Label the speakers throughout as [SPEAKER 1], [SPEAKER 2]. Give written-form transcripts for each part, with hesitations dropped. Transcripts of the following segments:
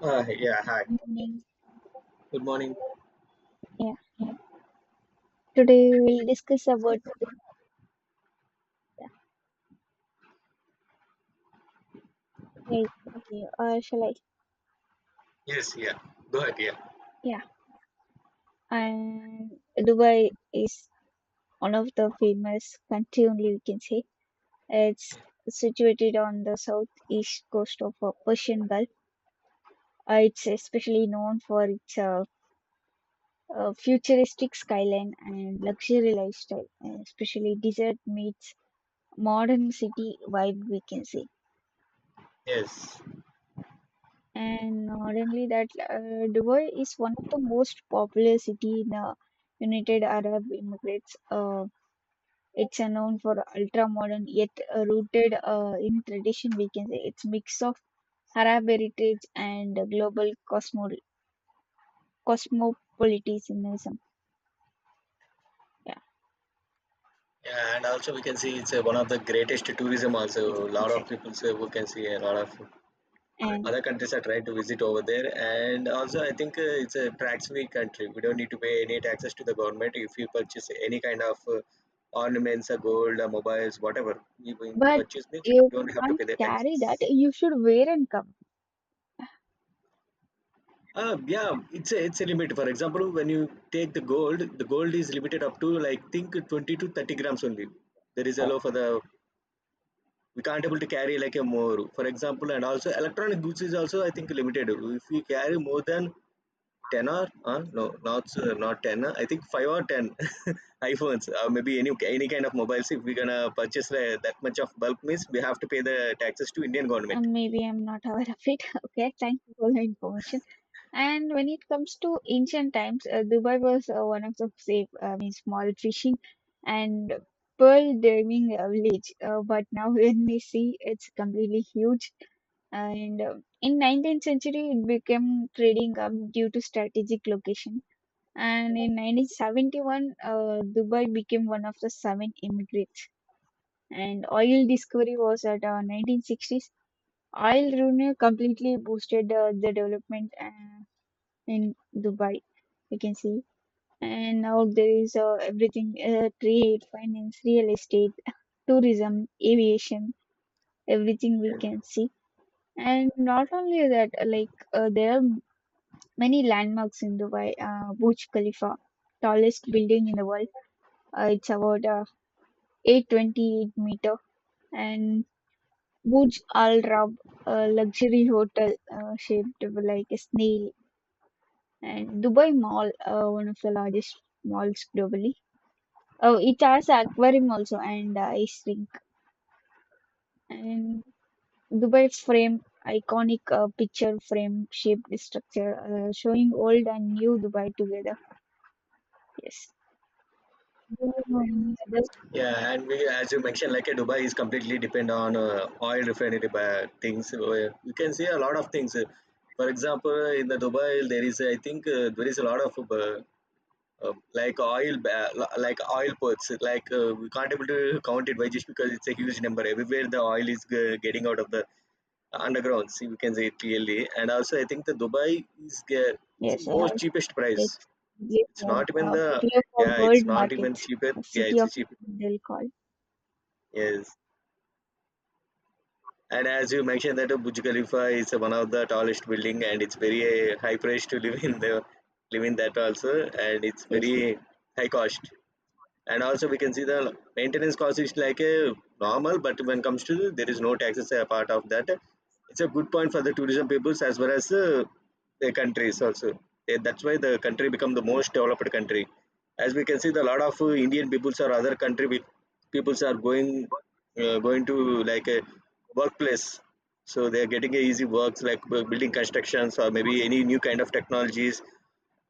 [SPEAKER 1] Yeah, hi.
[SPEAKER 2] Morning.
[SPEAKER 1] Good morning.
[SPEAKER 2] Yeah. Today we'll discuss about Dubai. Yeah, okay. Or shall I?
[SPEAKER 1] Yes, yeah. Go ahead, yeah.
[SPEAKER 2] Yeah. And Dubai is one of the famous country only we can say. It's situated on the southeast coast of Persian Gulf. It's especially known for its futuristic skyline and luxury lifestyle, especially desert meets modern city vibe we can say.
[SPEAKER 1] Yes.
[SPEAKER 2] And not only that, Dubai is one of the most popular city in United Arab Emirates. It's known for ultra-modern yet rooted in tradition. We can say it's mix of Arab heritage and global cosmopolitanism. Yeah,
[SPEAKER 1] Yeah, and also we can see it's one of the greatest tourism
[SPEAKER 2] yes,
[SPEAKER 1] also. A lot of
[SPEAKER 2] exactly.
[SPEAKER 1] people say we can see a lot of
[SPEAKER 2] And
[SPEAKER 1] other countries are trying to visit over there. And also I think it's a tax-free country. We don't need to pay any taxes to the government if you purchase any kind of ornaments or gold or mobiles, whatever you will
[SPEAKER 2] but
[SPEAKER 1] purchase means you
[SPEAKER 2] you
[SPEAKER 1] don't have to pay
[SPEAKER 2] can't
[SPEAKER 1] the
[SPEAKER 2] carry that.
[SPEAKER 1] taxes.
[SPEAKER 2] You should wear and come.
[SPEAKER 1] Yeah, it's a limit. For example, when you take the gold is limited up to like think 20 to 30 grams only. There is a
[SPEAKER 2] Oh,
[SPEAKER 1] law for the we can't able to carry like a more, for example, and also electronic goods is also I think limited. If we carry more than ten or not ten. I think five or ten iPhones, maybe any kind of mobiles. If we're gonna purchase that much of bulk, means we have to pay the taxes to Indian government.
[SPEAKER 2] maybe I'm not aware of it. Okay, thank you for the information. And when it comes to ancient times, Dubai was one of the safe, I mean, small fishing and pearl diving village. But now when we see, it's completely huge. And in 19th century, it became trading hub due to strategic location. And in 1971, Dubai became one of the seven immigrants. And oil discovery was at 1960s. Oil revenue completely boosted the development. In Dubai, you can see. And now there is everything, trade, finance, real estate, tourism, aviation, everything we can see. And not only that, like there are many landmarks in Dubai. Burj Khalifa, tallest building in the world. It's about 828 meter. And Burj Al Arab, a luxury hotel shaped like a snail. And Dubai Mall, one of the largest malls globally. Oh, it has an aquarium also and ice rink. And Dubai's frame, iconic picture frame shaped structure, showing old and new Dubai together. Yes. And others-
[SPEAKER 1] Yeah, and we, as you mentioned, like Dubai is completely depend on oil refinery by things. So, you can see a lot of things. For example, in the Dubai, there is, I think, there is a lot of uh, uh, like like oil ports. Like we can't able to count it by just because it's a huge number. Everywhere the oil is getting out of the underground. See, we can say it clearly. And also, I think the Dubai is it's the
[SPEAKER 2] yes, I
[SPEAKER 1] most
[SPEAKER 2] have
[SPEAKER 1] cheapest price.
[SPEAKER 2] it's
[SPEAKER 1] It's
[SPEAKER 2] particularly
[SPEAKER 1] not even
[SPEAKER 2] for, uh,
[SPEAKER 1] the
[SPEAKER 2] particularly for
[SPEAKER 1] yeah, it's
[SPEAKER 2] world
[SPEAKER 1] not even
[SPEAKER 2] markets,
[SPEAKER 1] cheaper.
[SPEAKER 2] a
[SPEAKER 1] Yeah,
[SPEAKER 2] city
[SPEAKER 1] it's
[SPEAKER 2] of
[SPEAKER 1] a cheap.
[SPEAKER 2] they'll call.
[SPEAKER 1] Yes. And as you mentioned that Burj Khalifa is one of the tallest building and it's very high price to live in the live in that also and it's
[SPEAKER 2] Yes,
[SPEAKER 1] very high cost and also we can see the maintenance cost is like a normal but when comes to there is no taxes a part of that it's a good point for the tourism peoples as well as the countries also. Eh, that's why the country become the most developed country as we can see the lot of indian peoples or other country with peoples are going going to like a workplace so they are getting a easy works like building constructions or maybe any new kind of technologies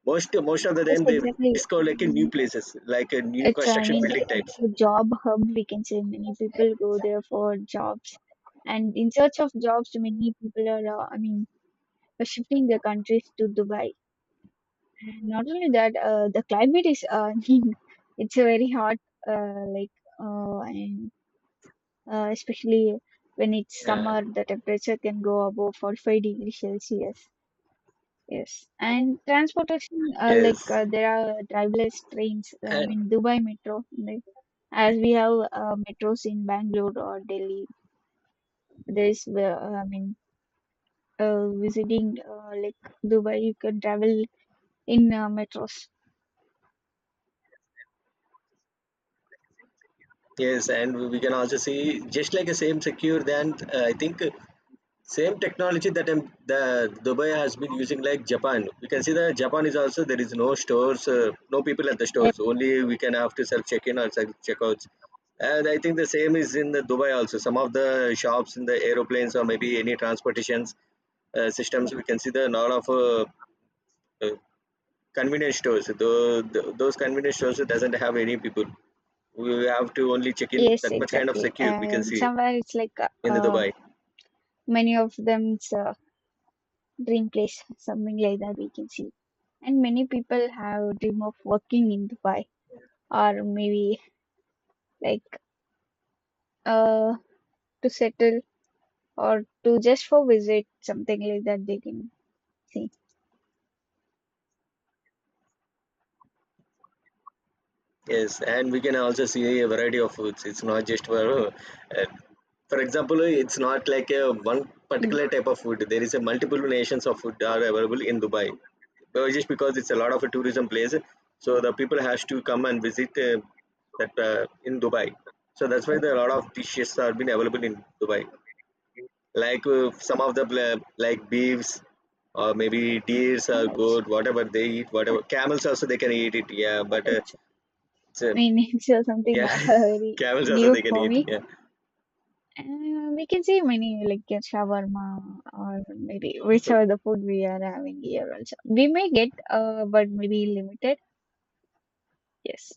[SPEAKER 1] most of the
[SPEAKER 2] yes,
[SPEAKER 1] time they
[SPEAKER 2] exactly.
[SPEAKER 1] discover like a new
[SPEAKER 2] And
[SPEAKER 1] places, like a new
[SPEAKER 2] it's, I
[SPEAKER 1] construction
[SPEAKER 2] mean,
[SPEAKER 1] building
[SPEAKER 2] it's
[SPEAKER 1] types.
[SPEAKER 2] a job hub, we can say. Many people go there for jobs. And in search of jobs, many people are, I mean, by shifting the countries to Dubai. Not only that, the climate is it's a very hot, like and especially when it's
[SPEAKER 1] Yeah.
[SPEAKER 2] summer, the temperature can go above 45 degrees Celsius. Yes, and transportation,
[SPEAKER 1] Yes.
[SPEAKER 2] there are driverless trains. I
[SPEAKER 1] And
[SPEAKER 2] mean, Dubai Metro, like, as we have metros in Bangalore or Delhi. There is, I mean, visiting like Dubai, you can travel in metros.
[SPEAKER 1] yes, and we can also see just like the same secure than I think same technology that the Dubai has been using like Japan. We can see that Japan is also there is no stores, no people at the stores. Only we can have to self check in or self checkouts. And I think the same is in the Dubai also. Some of the shops in the aeroplanes or maybe any transportations systems, we can see the lot of uh, convenience stores though those convenience stores doesn't have any people we have to only check in
[SPEAKER 2] Yes,
[SPEAKER 1] that much kind of
[SPEAKER 2] exactly.
[SPEAKER 1] secure we can
[SPEAKER 2] And
[SPEAKER 1] see
[SPEAKER 2] somewhere it's like uh,
[SPEAKER 1] in the
[SPEAKER 2] uh,
[SPEAKER 1] dubai
[SPEAKER 2] many of them's dream place, something like that we can see. And many people have dream of working in Dubai or maybe like uh to settle or to just for visit, something like that they can see.
[SPEAKER 1] yes and we can also see a variety of foods it's not just uh, for example it's not like a one
[SPEAKER 2] Mm.
[SPEAKER 1] particular type of food there is a multiple nations of food are available in dubai but just because it's a lot of a tourism place so the people has to come and visit that in dubai so that's why there are a lot of dishes are been available in dubai like some of the like beeves or maybe deers are
[SPEAKER 2] Camels.
[SPEAKER 1] good whatever they eat
[SPEAKER 2] What-
[SPEAKER 1] whatever camels also they can eat it yeah
[SPEAKER 2] what else?
[SPEAKER 1] it's, uh,
[SPEAKER 2] I mean, it's something
[SPEAKER 1] yeah
[SPEAKER 2] very
[SPEAKER 1] camels also
[SPEAKER 2] new
[SPEAKER 1] they can
[SPEAKER 2] for
[SPEAKER 1] eat
[SPEAKER 2] me.
[SPEAKER 1] yeah
[SPEAKER 2] Uh, we can say many like shawarma or maybe which are the food we are having here also. We may get, but maybe limited. Yes.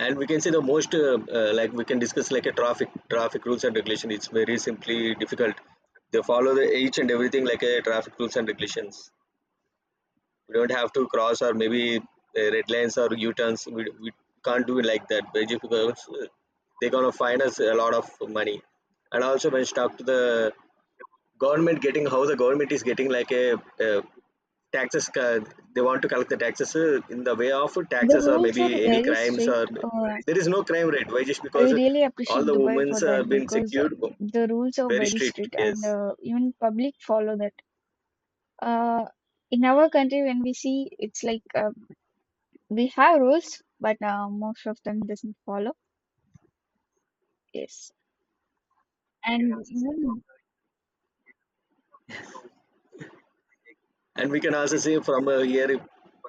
[SPEAKER 1] and we can say the most like we can discuss like a traffic rules and regulation it's very simply difficult they follow the each and everything like a traffic rules and regulations we don't have to cross or maybe red lines or u-turns we can't do it like that. Basically, because they're going to find us a lot of money and also when you talk to the government getting how the government is getting like a taxes they want to collect the taxes in the way of
[SPEAKER 2] The
[SPEAKER 1] taxes or
[SPEAKER 2] rules are
[SPEAKER 1] maybe any
[SPEAKER 2] very
[SPEAKER 1] crimes or
[SPEAKER 2] strict.
[SPEAKER 1] there is no crime rate why just
[SPEAKER 2] I
[SPEAKER 1] because
[SPEAKER 2] really
[SPEAKER 1] all
[SPEAKER 2] appreciate
[SPEAKER 1] the
[SPEAKER 2] Dubai
[SPEAKER 1] women's
[SPEAKER 2] for
[SPEAKER 1] have
[SPEAKER 2] that
[SPEAKER 1] been
[SPEAKER 2] because
[SPEAKER 1] secured
[SPEAKER 2] the rules are
[SPEAKER 1] very
[SPEAKER 2] very
[SPEAKER 1] strict
[SPEAKER 2] strict and
[SPEAKER 1] yes.
[SPEAKER 2] even public follow that. Uh, in our country, when we see, it's like we have rules, but most of them doesn't follow. Yes. And even,
[SPEAKER 1] And we can also see from here,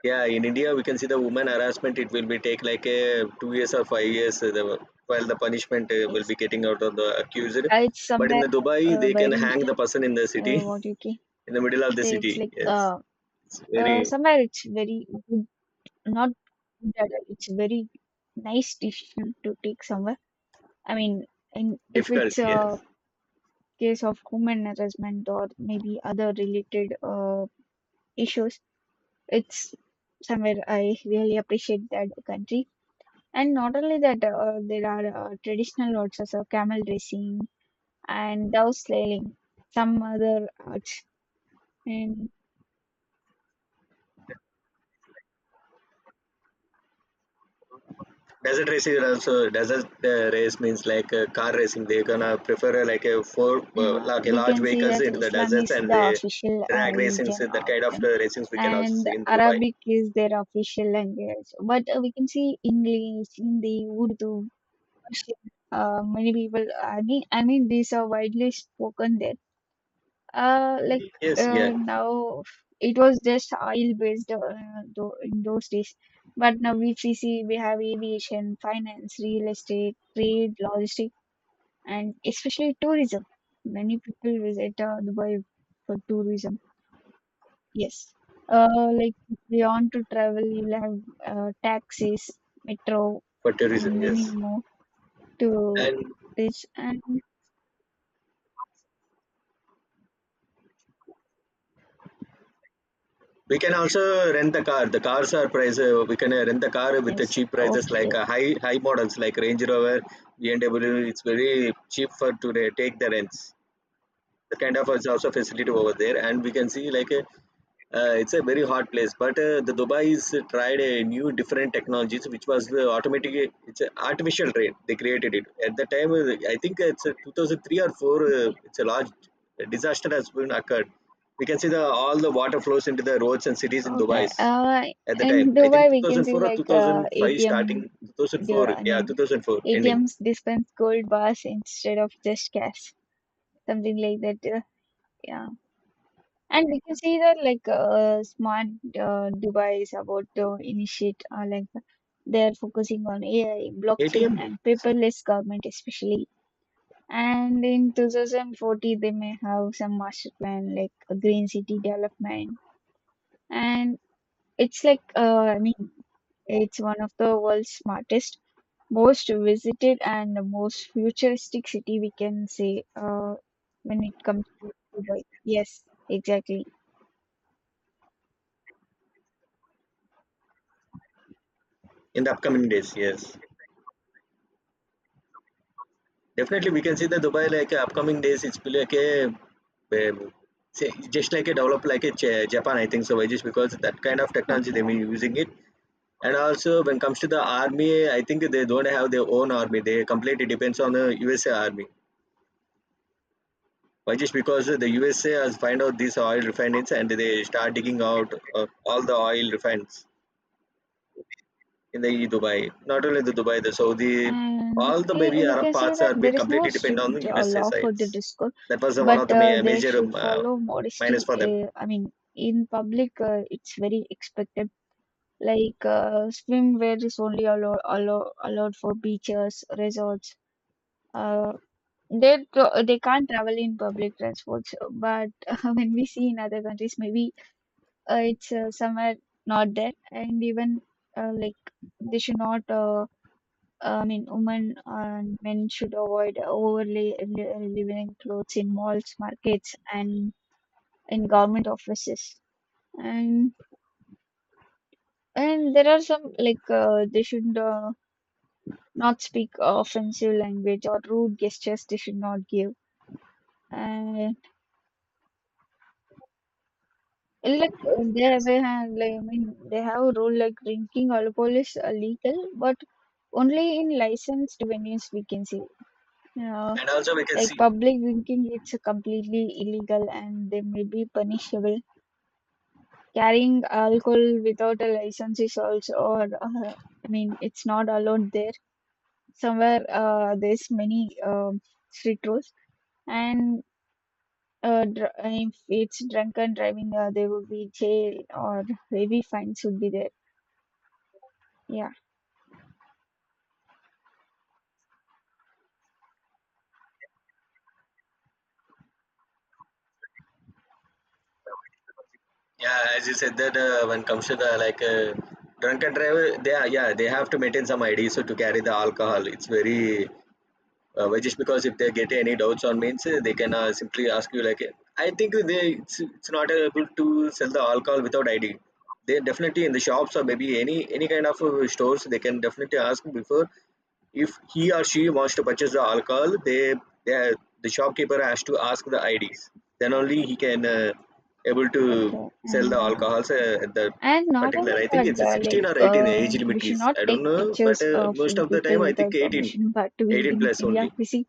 [SPEAKER 1] yeah, in India, we can see the woman harassment. It will be take like 2 years or 5 years while the punishment will
[SPEAKER 2] yes,
[SPEAKER 1] be getting out of the accused.
[SPEAKER 2] it's
[SPEAKER 1] But in the
[SPEAKER 2] somewhere
[SPEAKER 1] Dubai, they can
[SPEAKER 2] very.
[SPEAKER 1] hang the person in the city,
[SPEAKER 2] What Milwaukee.
[SPEAKER 1] in the middle of the
[SPEAKER 2] So it's
[SPEAKER 1] city.
[SPEAKER 2] like
[SPEAKER 1] Yes,
[SPEAKER 2] uh,
[SPEAKER 1] it's
[SPEAKER 2] uh
[SPEAKER 1] very
[SPEAKER 2] somewhere it's very good, not good at all. It's very nice decision to take somewhere. I mean, in if
[SPEAKER 1] difficult.
[SPEAKER 2] it's a
[SPEAKER 1] Yes,
[SPEAKER 2] case of human harassment or maybe other related issues, it's somewhere I really appreciate that country. And not only that, there are traditional arts as camel racing and dove sailing, some other arts. And
[SPEAKER 1] desert racing are also desert race means like car racing. They gonna prefer like a four like a
[SPEAKER 2] we
[SPEAKER 1] large
[SPEAKER 2] can see
[SPEAKER 1] vehicles
[SPEAKER 2] that
[SPEAKER 1] into the
[SPEAKER 2] Islam
[SPEAKER 1] deserts
[SPEAKER 2] is
[SPEAKER 1] and
[SPEAKER 2] the
[SPEAKER 1] they
[SPEAKER 2] official
[SPEAKER 1] drag racings.
[SPEAKER 2] religion
[SPEAKER 1] That
[SPEAKER 2] of
[SPEAKER 1] kind of
[SPEAKER 2] them,
[SPEAKER 1] racings we can also
[SPEAKER 2] and
[SPEAKER 1] see in Dubai.
[SPEAKER 2] Arabic is their official language. But we can see English, Hindi, Urdu, Persian. Many people, I mean, these are widely spoken there. Uh, like
[SPEAKER 1] Yes, yeah.
[SPEAKER 2] Now, it was just oil based in those days. But now, if we see, we have aviation, finance, real estate, trade, logistics and especially tourism. Many people visit Dubai for tourism. Yes. Like if you want to travel, you'll have taxis, metro,
[SPEAKER 1] For
[SPEAKER 2] and
[SPEAKER 1] tourism,
[SPEAKER 2] many
[SPEAKER 1] yes.
[SPEAKER 2] more to
[SPEAKER 1] And
[SPEAKER 2] reach. And
[SPEAKER 1] we can also rent the car. The cars are price. We can rent the car with the
[SPEAKER 2] yes,
[SPEAKER 1] cheap prices,
[SPEAKER 2] okay,
[SPEAKER 1] like high models like Range Rover, BMW. It's very cheap for to take the rents. The kind of it's also facility over there and we can see like a it's a very hot place but the dubai is tried a new different technologies which was the automatic it's an artificial rain they created it at the time I think it's a 2003 or 4 it's a large disaster has been occurred we can see the all the water flows into the roads and cities in dubai
[SPEAKER 2] okay.
[SPEAKER 1] at the time
[SPEAKER 2] In
[SPEAKER 1] I think
[SPEAKER 2] Dubai, we can see
[SPEAKER 1] 2004 or
[SPEAKER 2] like
[SPEAKER 1] 2005 starting
[SPEAKER 2] ATM. The
[SPEAKER 1] 2004
[SPEAKER 2] I
[SPEAKER 1] yeah
[SPEAKER 2] mean,
[SPEAKER 1] 2004 ending
[SPEAKER 2] ATMs dispense gold bars instead of just cash, something like that. Yeah. And we can see that like smart Dubai is about to initiate like they're focusing on AI,
[SPEAKER 1] atm
[SPEAKER 2] blockchain, and paperless government especially. And in 2040, they may have some master plan like a green city development. And it's like I mean, it's one of the world's smartest, most visited, and the most futuristic city we can say when it comes to Dubai. Yes, exactly.
[SPEAKER 1] in the upcoming days yes. Definitely, we can see that Dubai, like upcoming days, it's be like a, say, just like a developed like a Japan, I think so, just because that kind of technology they've
[SPEAKER 2] Okay.
[SPEAKER 1] been using it. And also, when it comes to the army, I think they don't have their own army. They completely depends on the USA army. Why just because the USA has find out these oil refineries and they start digging out all the oil refineries in the Dubai. Not only the Dubai, the Saudi,
[SPEAKER 2] And
[SPEAKER 1] all the
[SPEAKER 2] eh,
[SPEAKER 1] maybe
[SPEAKER 2] we
[SPEAKER 1] Arab
[SPEAKER 2] can say
[SPEAKER 1] parts are
[SPEAKER 2] that
[SPEAKER 1] being
[SPEAKER 2] there is no
[SPEAKER 1] completely dependent on
[SPEAKER 2] strict
[SPEAKER 1] the USA
[SPEAKER 2] law for the
[SPEAKER 1] sides.
[SPEAKER 2] discourse,
[SPEAKER 1] That was the, one of
[SPEAKER 2] but
[SPEAKER 1] the
[SPEAKER 2] they
[SPEAKER 1] major
[SPEAKER 2] should follow
[SPEAKER 1] minus
[SPEAKER 2] modesty.
[SPEAKER 1] for them.
[SPEAKER 2] I mean, in public, it's very expected. Like swimwear is only allowed for beaches, resorts. Uh, they can't travel in public transports. But when we see in other countries, maybe it's somewhere not there, and even uh, like they should not. I mean, women and men should avoid overly living clothes in malls, markets, and in government offices. And and there are some like they should not speak offensive language or rude gestures. They should not give. And like they have like I mean they have a rule like drinking alcohol is illegal, but only in licensed venues we can see. Yeah.
[SPEAKER 1] And also we can
[SPEAKER 2] Like
[SPEAKER 1] see,
[SPEAKER 2] public drinking, it's completely illegal and they may be punishable. Carrying alcohol without a license is also, or I mean, it's not allowed there. Somewhere there's many strict rules, and if it's drunken driving, there would be jail or heavy fines would be there. Yeah.
[SPEAKER 1] yeah, as you said that when comes to the like drunken driver, they are yeah they have to maintain some ID so to carry the alcohol. It's very which is because if they get any doubts on means they can simply ask you like I think they it's not able to sell the alcohol without id they definitely in the shops or maybe any kind of stores they can definitely ask before if he or she wants to purchase the alcohol they the shopkeeper has to ask the ids then only he can able to
[SPEAKER 2] Okay.
[SPEAKER 1] sell
[SPEAKER 2] And
[SPEAKER 1] the
[SPEAKER 2] yeah.
[SPEAKER 1] alcohols at the
[SPEAKER 2] And not
[SPEAKER 1] particular
[SPEAKER 2] only
[SPEAKER 1] I think
[SPEAKER 2] that,
[SPEAKER 1] it's a 16 or 18 age
[SPEAKER 2] we
[SPEAKER 1] limit
[SPEAKER 2] should
[SPEAKER 1] is
[SPEAKER 2] not
[SPEAKER 1] I don't
[SPEAKER 2] take
[SPEAKER 1] know but
[SPEAKER 2] pictures of
[SPEAKER 1] most
[SPEAKER 2] the
[SPEAKER 1] of the time
[SPEAKER 2] people
[SPEAKER 1] I think
[SPEAKER 2] without
[SPEAKER 1] 18
[SPEAKER 2] permission. But we
[SPEAKER 1] 18
[SPEAKER 2] in
[SPEAKER 1] plus only
[SPEAKER 2] India, we see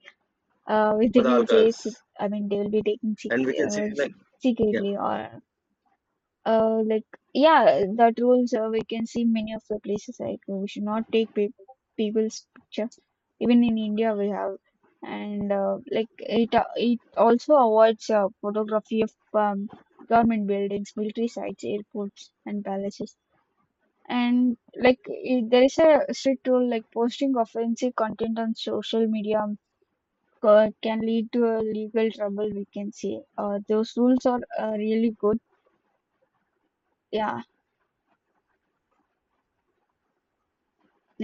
[SPEAKER 2] which
[SPEAKER 1] for
[SPEAKER 2] they
[SPEAKER 1] the all
[SPEAKER 2] will say, sec-
[SPEAKER 1] girls.
[SPEAKER 2] I mean, they will be taken
[SPEAKER 1] And we can see like, yeah,
[SPEAKER 2] secretly or uh, like, yeah, that rules we can see many of the places like we should not take pe people's picture. Even in India, we have, and like it it also avoids photography of government buildings, military sites, airports, and palaces. And like it, there is a strict rule like posting offensive content on social media can lead to a legal trouble, we can say. Those rules are really good. Yeah,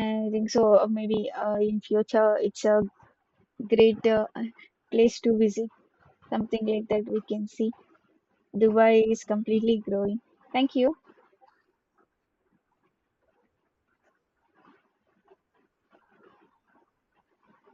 [SPEAKER 2] I think so. Maybe in future, it's a great place to visit. Something like that we can see. Dubai is completely growing. Thank you.